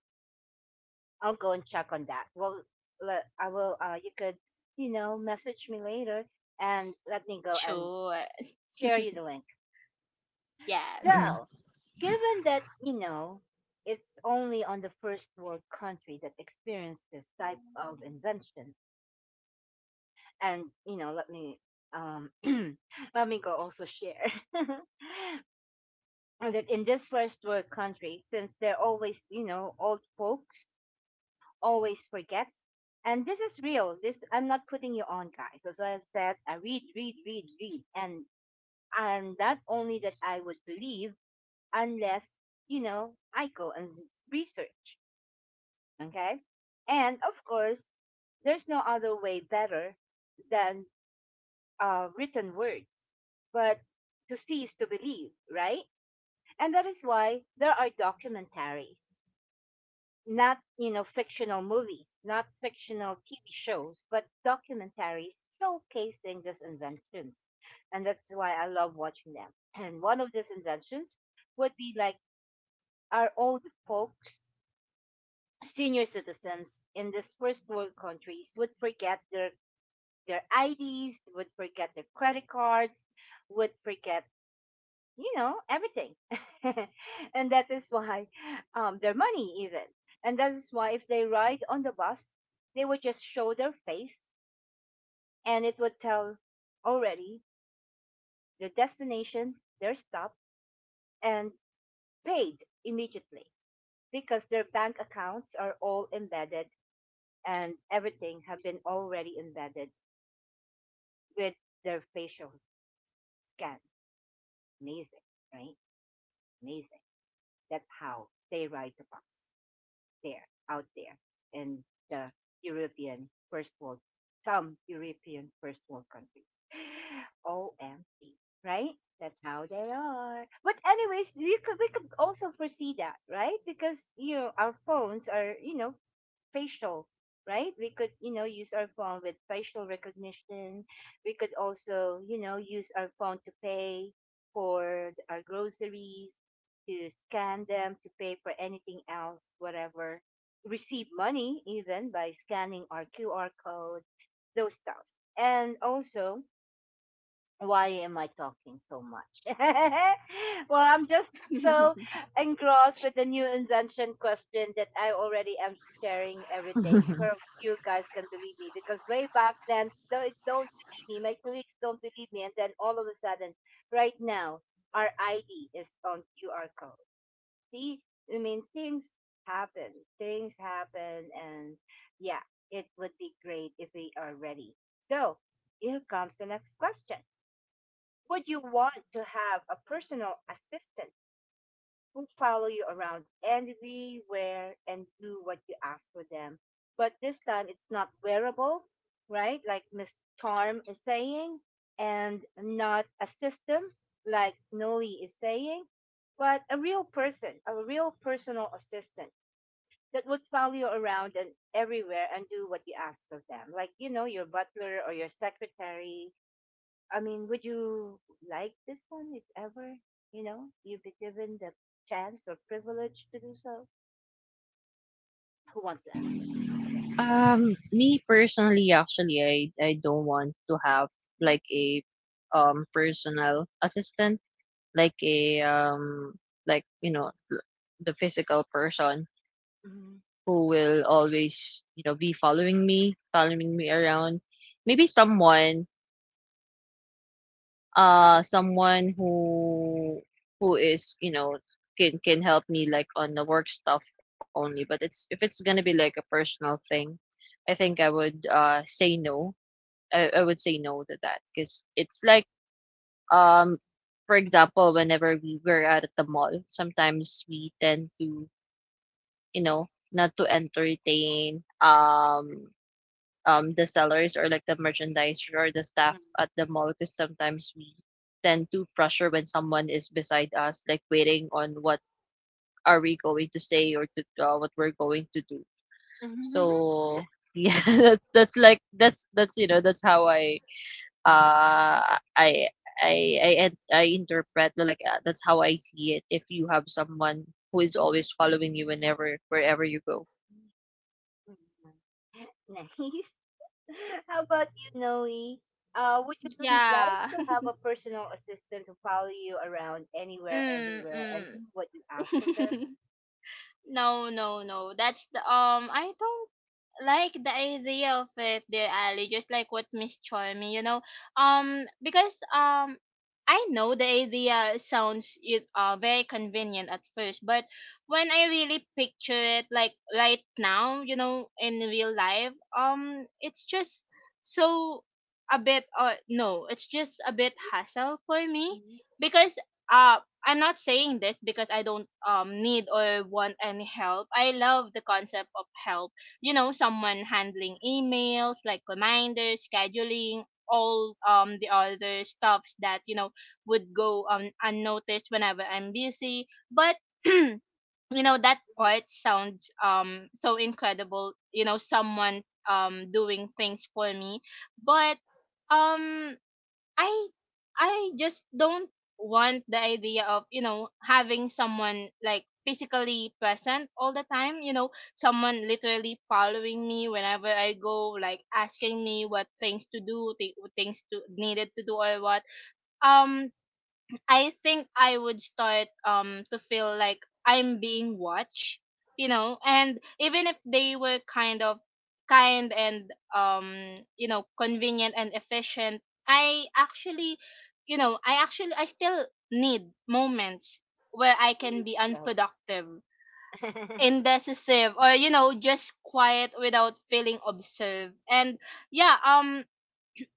A: I'll go and check on that. Well, I will. You could, you know, message me later and let me go and
C: Sure.
A: share you the link.
C: Yes.
A: So, given that you know it's only on the first world country that experienced this type of invention, and you know, let me um let me go also share. And that in this first world country, since they're always, you know, old folks always forgets. And this is real. This I'm not putting you on, guys. As I've said, I read, and not only that I would believe unless you know I go and research. Okay, and of course, there's no other way better than written word, but to see is to believe, right? And that is why there are documentaries. Not you know fictional movies, not fictional TV shows, but documentaries showcasing these inventions, and that's why I love watching them. And one of these inventions would be like our old folks, senior citizens in these first world countries would forget their IDs, would forget their credit cards, would forget you know, everything. And that is why their money, even. And that is why if they ride on the bus, they would just show their face and it would tell already the destination, their stop, and paid immediately because their bank accounts are all embedded and everything have been already embedded with their facial scan. Amazing, right? Amazing. That's how they ride the bus there, out there, in the European first world, some European first world countries. OMG, right? That's how they are. But anyways, we could also foresee that, right? Because you know our phones are you know facial, right? We could, you know, use our phone with facial recognition. We could also, you know, use our phone to pay for our groceries, to scan them, to pay for anything else, whatever. Receive money even by scanning our QR code, those stuff. And also, why am I talking so much? Well, I'm just so engrossed with the new invention question that I already am sharing everything.
B: Mm-mm.
A: So you guys can believe me because way back then, they don't believe me. My colleagues don't believe me. And then all of a sudden, right now, our ID is on QR code. See, I mean, things happen. Things happen. And yeah, it would be great if we are ready. So here comes the next question. Would you want to have a personal assistant who follow you around everywhere and do what you ask for them? But this time it's not wearable, right? Like Miss Charm is saying, and not a system like Noe is saying, but a real person, a real personal assistant that would follow you around and everywhere and do what you ask of them. Like, you know, your butler or your secretary. I mean, would you like this one if ever, you know, you'd be given the chance or privilege to do so? Who wants that?
B: Me personally, actually, I don't want to have like a personal assistant, like a like you know the physical person
A: Mm-hmm.
B: who will always you know be following me around. Maybe someone
A: Um,
B: someone who is you know can help me like on the work stuff only, but it's if it's gonna be like a personal thing, I think I would say no. I would say no to that because it's like Um, for example, whenever we were at the mall, sometimes we tend to, you know, not to entertain the sellers or like the merchandiser or the staff at the mall, because sometimes we tend to pressure when someone is beside us, like waiting on what are we going to say or to what we're going to do.
A: mhm.
B: So yeah, that's you know that's how I uh I I I interpret like that's how I see it if you have someone who is always following you whenever wherever you go.
A: Nice. How about you, Noe? Would you like
C: Yeah.
A: to have a personal assistant to follow you around anywhere,
C: Mm,
A: everywhere, and do what you ask of them?
C: mm. No, no, no. That's the I don't like the idea of it, dear Ali, just like what Miss Charmy, you know, because I know the idea sounds it very convenient at first, but when I really picture it, like right now, you know, in real life, it's just so a bit no, it's just a bit hassle for me
A: Mhm,
C: because uh I'm not saying this because I don't need or want any help. I love the concept of help, you know, someone handling emails like reminders, scheduling all the other stuffs that, you know, would go unnoticed whenever I'm busy. But you know, that
A: mhm,
C: part sounds so incredible, you know, someone doing things for me. But um I I just don't want the idea of, you know, having someone like physically present all the time, you know, someone literally following me whenever I go, like asking me what things to do, things to needed to do or what. Um I think I would start to feel like I'm being watched, you know. And even if they were kind of kind and, you know, convenient and efficient, I actually, you know, I actually I still need moments where I
A: by
C: can be
A: myself.
C: unproductive, indecisive, or, you know, just quiet without feeling observed. And yeah,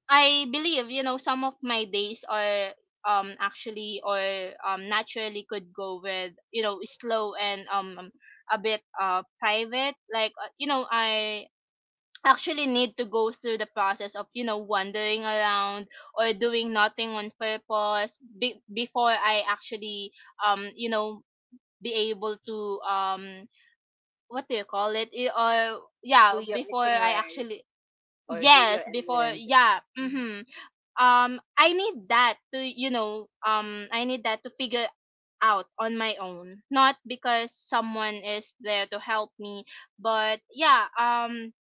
C: I believe, you know, some of my days are actually or naturally could go with, you know, slow and a bit private, like, you know, I actually need to go through the process of, you know, wandering around or doing nothing on purpose before I actually you know, be able to what do you call it, or yeah,
A: Do your
C: before I
A: itinerary
C: actually,
A: or do your
C: yes, before,
A: errand.
C: yeah,
A: Mm-hmm.
C: mhm. I need that to, you know, I need that to figure out on my own, not because someone is there to help me. But yeah,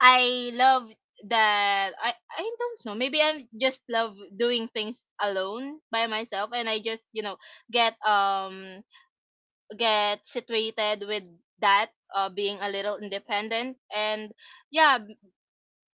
C: I love that. I don't know, maybe I just love doing things alone by myself. And I just, you know, get um get situated with that, uh, being a little independent. And yeah,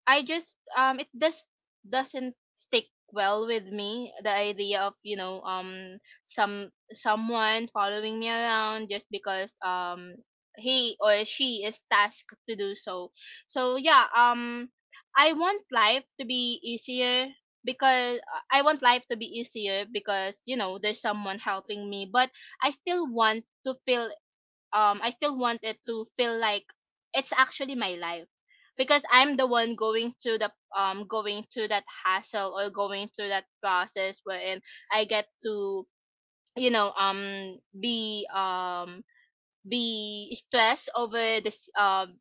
C: I just doesn't stick well with me, the idea of, you know, someone following me around just because he or she is tasked to do so. So yeah, I want life to be easier because I want life to be easier because, you know, there's someone helping me. But I still want to feel, I still want it to feel like it's actually my life because I'm the one going through the, going through that hassle or going through that process wherein I get to, you know, be stressed over this, um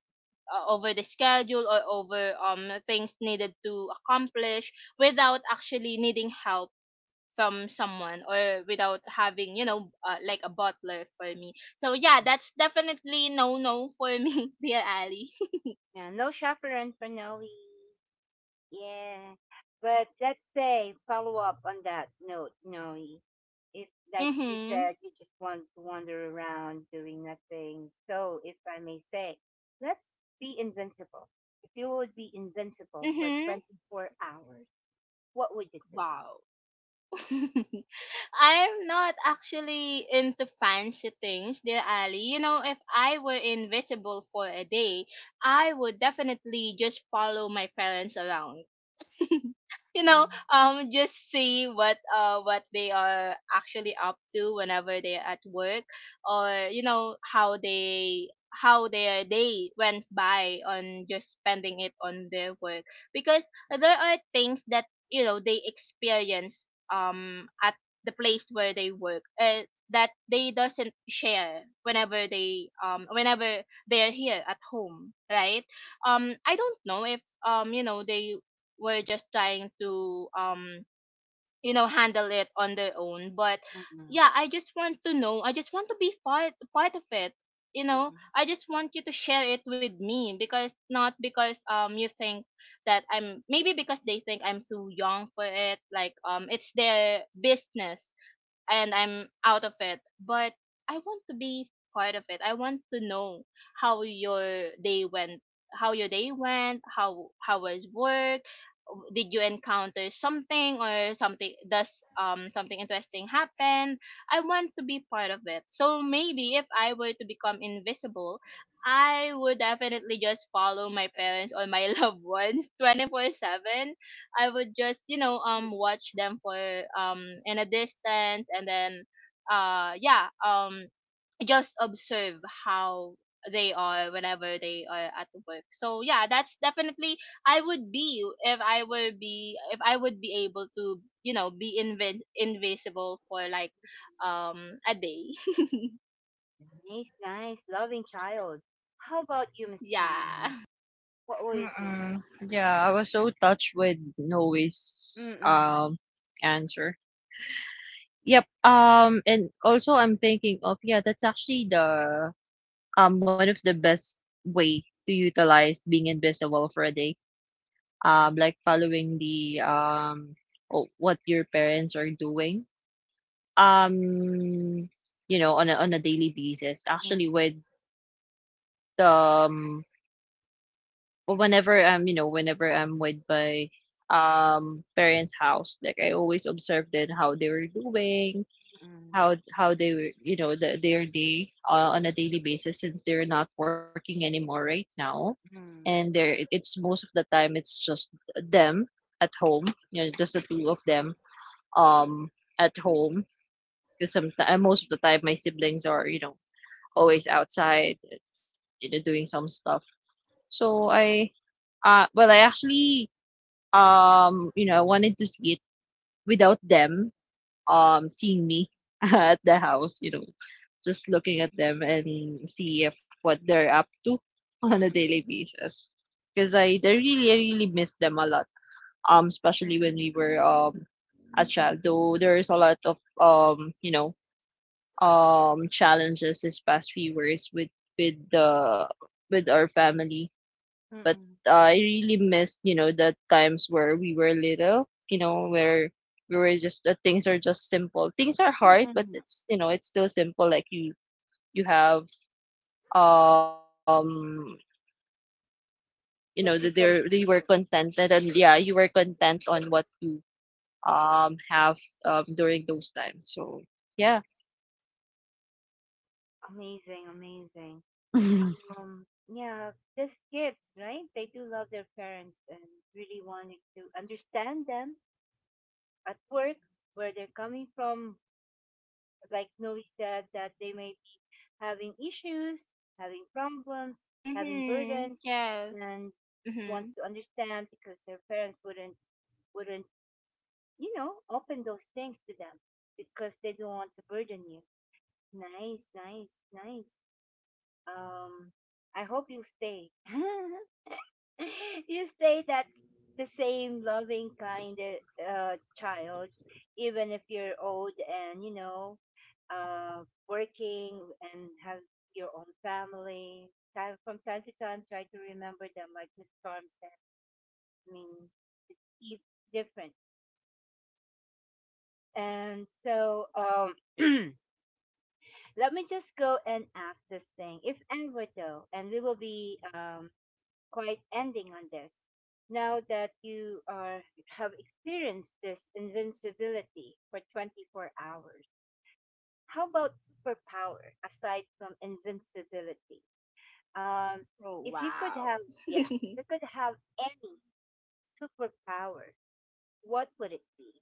C: uh, over the schedule or over things needed to accomplish without actually needing help from someone, or without having, you know, like a butler for me. So yeah, that's definitely no, no for me. Dear Ali,
A: Yeah, no chaperone for Noe. Yeah. But let's say follow up on that note, Noe. If like you
C: mhm,
A: said, you just want to wander around doing nothing. So if I may say, let's be invincible. If you would be invincible for
C: mhm.
A: 24 hours, what would you do?
C: Wow. I'm not actually into fancy things, dear Ali. You know, if I were invisible for a day, I would definitely just follow my parents around. You know,
A: Mm-mm.
C: just see what they are actually up to whenever they're at work, or you know, how they how their day went by on just spending it on their work. Because there are things that, you know, they experience at the place where they work, that they doesn't share whenever they, whenever they're here at home, right? I don't know if, you know, they were just trying to, you know, handle it on their own, but
A: Mm-mm.
C: yeah, I just want to know, I just want to be part of it. You
A: Mm-mm.
C: know, I just want you to share it with me, because not because you think that I'm, maybe because they think I'm too young for it, like, it's their business and I'm out of it. But I want to be part of it. I want to know how your day went, how your day went, how was work, did you encounter something, or something does, something interesting happen? I want to be part of it. So maybe if I were to become invisible, I would definitely just follow my parents or my loved ones 24/7. I would just, you know, watch them for, in a distance, and then, yeah, just observe how they are whenever they are at work. So yeah, that's definitely, I would be if I were be if I would be able to, you know, be invisible for like a day.
A: Nice, nice, loving child. How about you, Miss Chong?
C: Yeah.
A: What would you do?
B: Mm-mm. Yeah, I was so touched with Noe's
A: Mm-mm.
B: answer. Yep. And also I'm thinking of yeah, that's actually the one of the best way to utilize being invisible for a day. Like following the oh, what your parents are doing um you know on a daily basis, actually
A: Mm-mm.
B: with um well, whenever I'm you know whenever I'm with my parents house, like I always observed it how they were doing,
A: Mm-mm.
B: how they were you know their day on a daily basis since they're not working anymore right now, and
A: Mm,
B: there it's most of the time it's just them at home, you know just the two of them um at home, because sometimes most of the time my siblings are you know always outside, you know, doing some stuff. So I actually you know I wanted to see it without them seeing me at the house, you know, just looking at them and see if what they're up to on a
A: mm.
B: daily basis. Because I
A: Mm.
B: they really really miss them a lot.
A: Mm,
B: Especially when we were a child. Though there is a lot of you know, challenges this past few years with the with our family, but I really missed you know the times where we were little, you know where we were just the things are just simple, things are
A: mm,
B: hard but
A: mm.
B: it's you know it's still simple, like you have um you know that
A: That we
B: they were
A: can follow.
B: contented, and yeah you were content on what you have during those times, so yeah.
A: Amazing, amazing. Yeah, these kids, right? They do love their parents and really wanted to understand them at work, where they're coming from. Like Noe said, that they may be having issues, having problems, having
C: Mhm.
A: burdens,
C: Yes.
A: and she wants
C: Mhm.
A: to understand because their parents wouldn't you know, open those things to them because they don't want to burden you. Nice, nice, nice. Um, I hope you stay. You stay that the same loving kind child, even if you're old and you know, uh, working and have your own family. Time from time to time, try to remember them, like Miss Storm said. I mean, it's e- different, and so. Let me just go and ask this thing, if ever though, and we will be quite ending on this. Now that you are have experienced this invincibility for 24 hours, how about superpower aside from invincibility? Um,
C: Oh
A: if you could
C: wow.
A: have, yeah, if you could have any superpower, what would it be?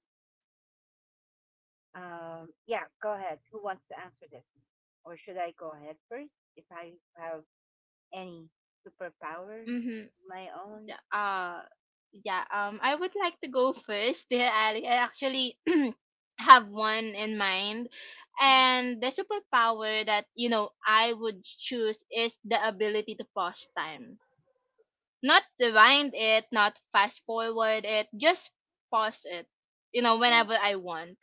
A: Yeah, go ahead. Who wants to answer this one? Or should I go ahead first if I have any superpower of
C: Mm-hmm.
A: my own.
C: Yeah, Uh, yeah. I would like to go first. Yeah, I actually have one in mind, and the superpower that, you know, I would choose is the ability to pause time, not rewind it, not fast forward it, just pause it. You know,
A: Yeah.
C: whenever I want.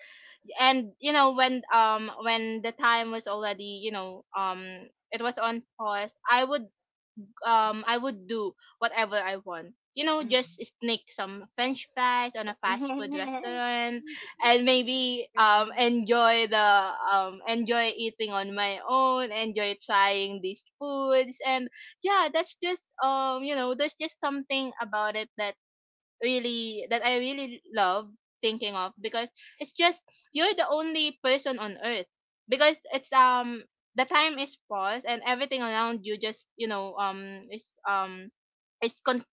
C: And you know, when, when the time was already, you know, it was on pause, I would, I would do whatever I want. You know, just sneak some French fries on a fast food restaurant, and maybe enjoy the enjoy eating on my own, enjoy trying these foods. And yeah, that's just, you know, there's just something about it that really, that I really love thinking of, because it's just, you're the only person on earth, because it's the time is paused, and everything around you just, you know, is is con-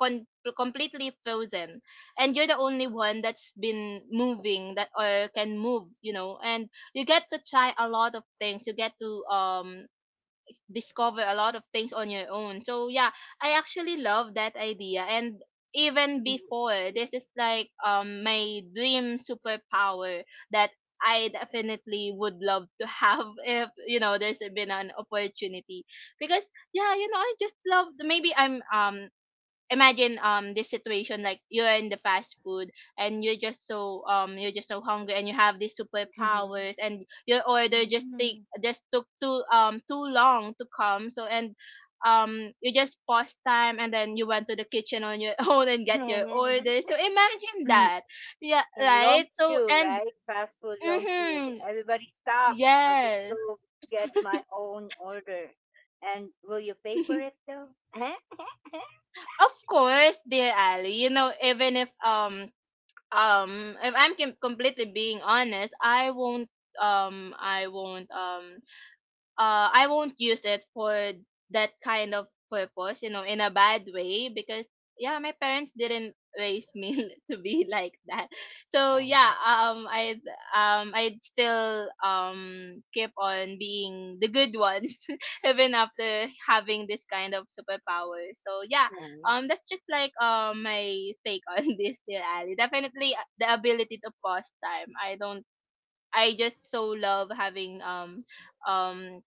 C: con- completely frozen, and you're the only one that's been moving, that or can move, you know. And you get to try a lot of things, you get to, discover a lot of things on your own. So yeah, I actually love that idea. And even before, this is like my dream superpower that I definitely would love to have, if you know, there's been an opportunity. Because yeah, you know, I just love, maybe I'm, imagine this situation, like you're in the fast food and you're just so, you're just so hungry, and you have these superpowers, and your order just take just took too, too long to come. So, and you just pause time and then you went to the kitchen on your own and get
A: Yeah,
C: your order. So imagine that. Yeah,
A: long
C: right, so.
A: queue,
C: And
A: right? Fast food, long queue.
C: mm-hmm,
A: Everybody stop. I'll just
C: yes.
A: go get my own order. And will you pay for it though?
C: Of course, dear Ali, you know, even if, if I'm completely being honest, I won't, um I won't um I won't use it for that kind of purpose, you know, in a bad way, because yeah, my parents didn't raise me to be like that. So
A: No,
C: yeah, I'd still keep on being the good ones even after having this kind of superpower. So yeah,
A: no.
C: that's just like my take on this, dear Ali. Definitely, the ability to pause time. I don't, I just so love having, um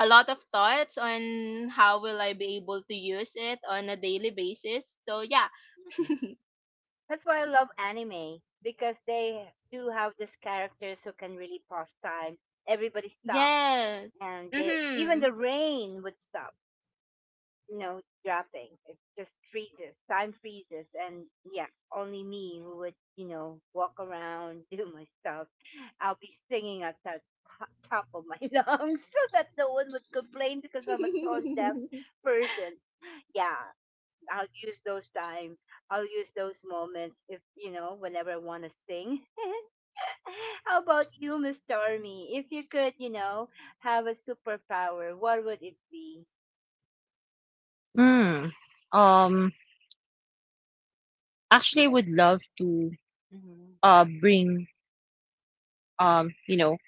C: a lot of thoughts on how will I be able to use it on a daily basis. So yeah.
A: Mm-mm. That's why I love anime because they do have these characters who can really pause time. Everybody stop.
C: Yes.
A: And they, even
C: Mhm.
A: the rain would stop, you know, dropping. It just freezes, time freezes, and yeah, only me who would, you know, walk around, do my stuff. I'll be singing at the top of my lungs so that no one would complain because I'm a tone deaf person. Yeah, I'll use those time. I'll use those moments if you know whenever I want to sing. How about you, Miss Stormy? If you could, you know, have a superpower, what would it be?
B: Mm. um Actually, I
A: Yes.
B: would love to
A: Mm-hmm.
B: bring you know,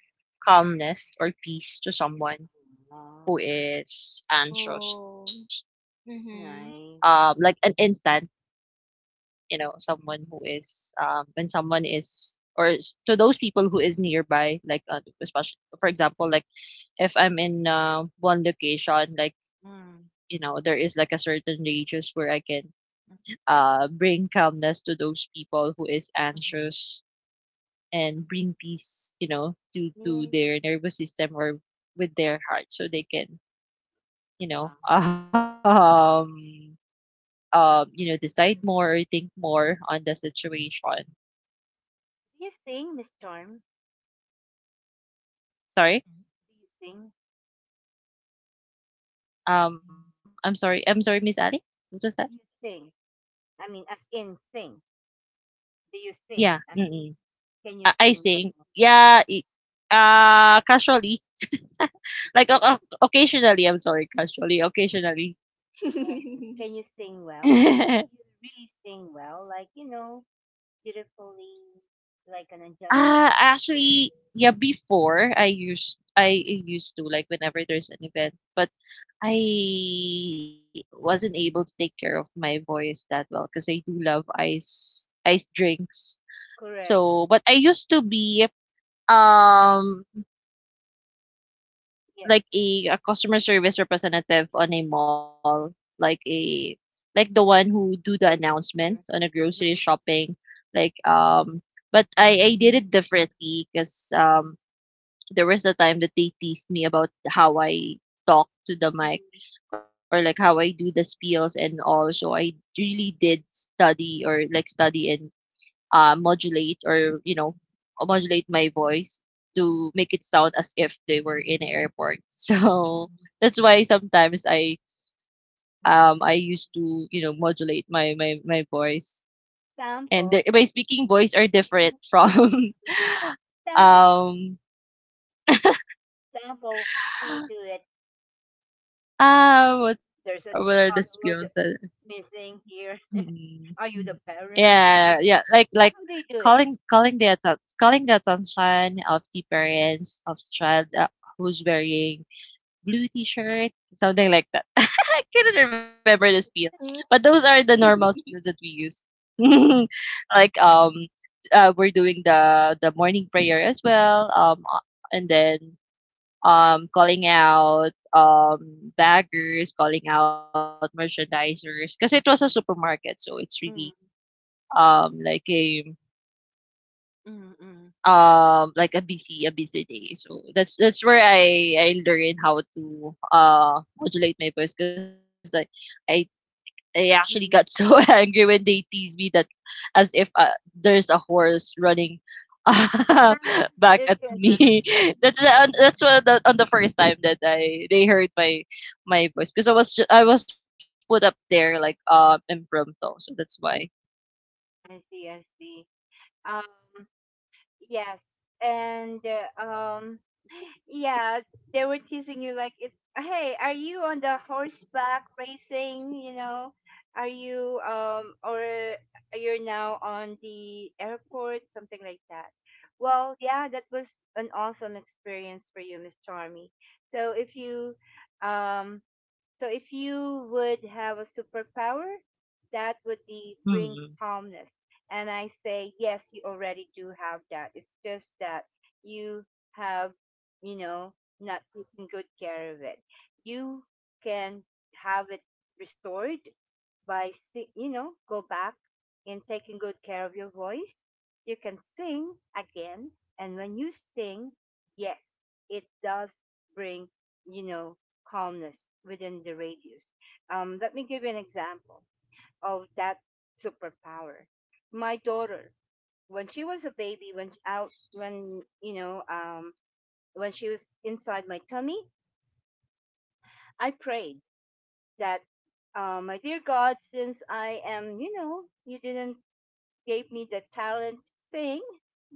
B: calmness or peace to someone who
A: Wow.
B: is anxious.
C: Oh. Mhm.
A: Nice.
B: Like an instant, you know, someone who is when someone is or to those people who is nearby, like especially for example, like if I'm in one location, like you know,
A: Mm.
B: there is like a certain radius where I can bring calmness to those people who is
A: Mm-hmm.
B: anxious and bring peace, you know, to
A: Music.
B: their nervous system or with their heart, so they can,
A: Wow.
B: you know, you know, decide more or think more on the situation.
A: Do you sing, Miss Charm? Mm.
B: Sorry,
A: Do you sing? Mm.
B: I'm sorry, I'm sorry, Miss Ali. What was that?
A: Do you sing? I mean, as in sing. Do you sing? I
B: Yeah,
A: mean,
B: mm-mm.
A: can you sing
B: I
A: well?
B: think, yeah, it, casually,
A: Yeah.
B: like occasionally. I'm sorry, casually, occasionally.
A: And can you sing well? I mean, do you really sing well? Like, you know, beautifully, like an angelic
B: Ah,
A: voice.
B: actually, yeah, before I used to like whenever there's an event, but I wasn't able to take care of my voice that well because I do love ice drinks.
A: Correct.
B: So, but I used to be um
A: Yes.
B: like a customer service representative on a mall, like a like the one who do the announcement
A: Voiceover.
B: on a grocery shopping, like But I did it differently because there was a time that they teased me about how I talk to the mic
A: Mm,
B: or like how I do the spiels and all. So I really did study or like study and modulate or you know modulate my voice
A: mm, mm,
B: to make it sound as if they were in an airport. So that's why sometimes I
A: mm.
B: used to you know modulate my voice, and
A: Sample.
B: my speaking voice are different from
A: Sample.
B: um
A: Sample. How do you do it?
B: Ah,
A: There's a
B: what are the
A: child
B: spills? That
A: missing here.
B: mm,
A: Are you the
B: mm.
A: parent?
B: Yeah,
A: Mhm.
B: yeah, like
A: How do you do it?
B: calling the attention of the parents of child who's wearing blue T-shirt, something like that. I couldn't remember the spiel,
C: Mm.
B: but those are the normal spiels that we use. Like we're doing the morning prayer as well. And then calling out baggers, calling out merchandisers, because it was a supermarket, so it's really
A: Mm,
B: um, like a
A: mm, mm,
B: like a busy day. So that's where I learned how to modulate my voice, because i I actually got so
A: mm.
B: angry when they teased me that as if there's a horse running back at
A: It's just-
B: me. That's what the, on the first time that I they heard my voice, because I was I was put up there like impromptu, so that's why.
A: I see, I see. Um, yes, and yeah, they were teasing you like, it, "Hey, are you on the horseback racing? You know, are you or you're now on the airport, something like that." Well, yeah, that was an awesome experience for you, Miss Charmy. So if you um so if you would have a superpower, that would be bring
B: Hmm.
A: calmness. And I say, yes, you already do have that. It's just that you have, you know, not taken good care of it. You can have it restored by, you know, go back and taking good care of your voice. You can sing again. And when you sing, yes, it does bring, you know, calmness within the radius. Let me give you an example of that superpower. My daughter, when she was a baby, when out, when you know, when she was inside my tummy, I prayed that my dear God, since I am, you know, you didn't gave me the talent to sing,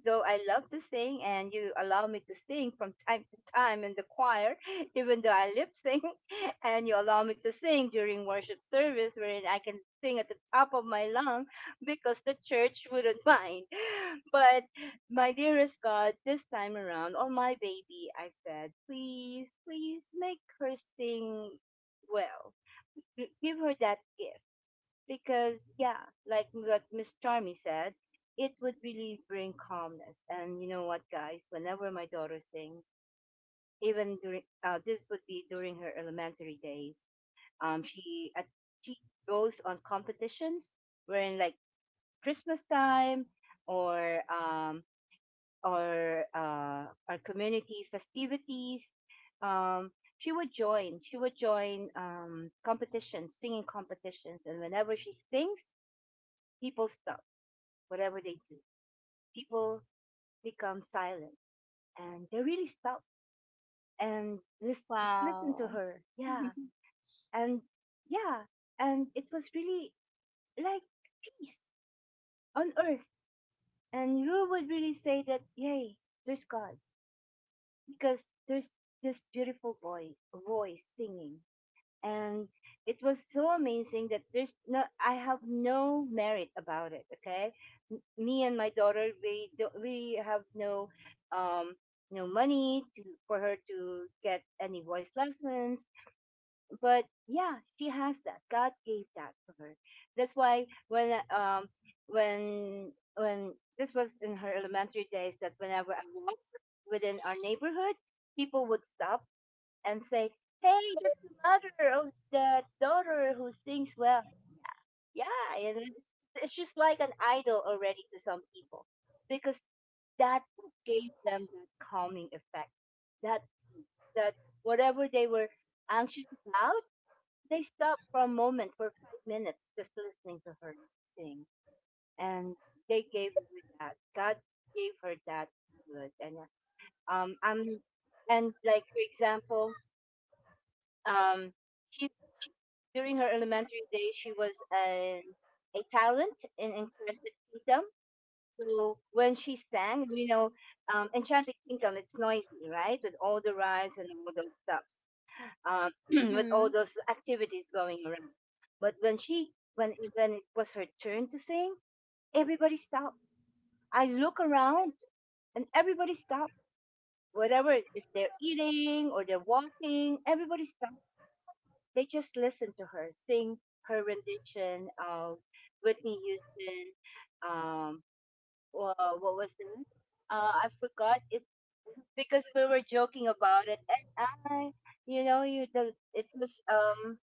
A: though I love to sing, and you allow me to sing from time to time in the choir, even though I lip sync, and you allow me to sing during worship service, wherein I can sing at the top of my lung because the church wouldn't mind. But my dearest God, this time around, on my baby, I said, please, please make her sing well. Give her that gift because, yeah, like what Miss Charmy said, it would really bring calmness. And you know what, guys, whenever my daughter sings, even during this would be during her elementary days. um she at, she goes on competitions, wherein like Christmas time or our community festivities. um she would join, she would join competitions, singing competitions, and whenever she sings, people stop whatever they do. People become silent and they really stop and just listen to
C: Wow.
A: her. Yeah. And yeah. And it was really like peace on earth. And you would really say that, yay, there's God, because there's this beautiful voice, voice singing, and it was so amazing that there's no I have no merit about it. Okay. Me and my daughter, we have no um no money to, for her to get any voice lessons. But yeah, she has that. God gave that to her. That's why when um when this was in her elementary days, that whenever I walked within our neighborhood, people would stop and say, "Hey, that's the mother of the daughter who sings well." Yeah, and it's just like an idol already to some people, because that gave them the calming effect. That that whatever they were anxious about, they stopped for a moment for 5 minutes just listening to her sing, and they gave her that. God gave her that good. And I'm and like for example, um, she's she, during her elementary days, she was a a talent in Enchanted Kingdom. So when she sang, you know, Enchanted Kingdom, it's noisy, right? With all the rides and all those stuff, with all
C: Mhm.
A: those activities going around. But when she, when it was her turn to sing, everybody stopped. I look around and everybody stopped. Whatever, if they're eating or they're walking, everybody stopped. They just listened to her sing her rendition of Whitney Houston. Um, what was it? I forgot it because we were joking about it, and I, you know, you the,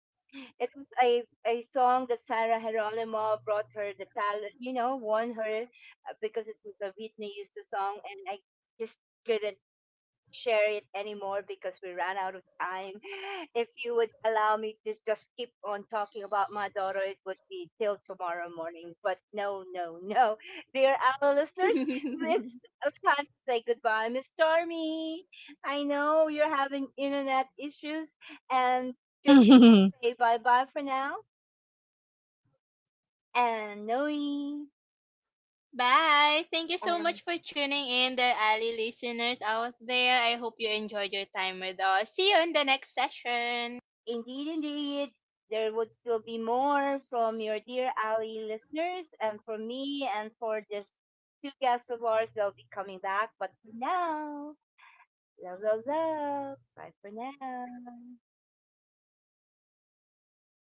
A: it was a song that Sarah Geronimo brought her the talent, you know, won her because it was a Whitney Houston song, and I just couldn't share it anymore because we ran out of time. If you would allow me to just keep on talking about my daughter, it would be till tomorrow morning. But no, no, no. Dear our listeners, it's time to say goodbye. Miss Stormy, I know you're having internet issues, and just say bye bye for now. And Noe
C: Bye. Thank you so
A: and
C: much for tuning in, the Ali listeners out there. I hope you enjoyed your time with us. See you in the next session.
A: indeed, indeed, there would still be more from your dear Ali listeners and from me and for just two guests of ours. They'll be coming back. But for now, love, love, love. Bye for now.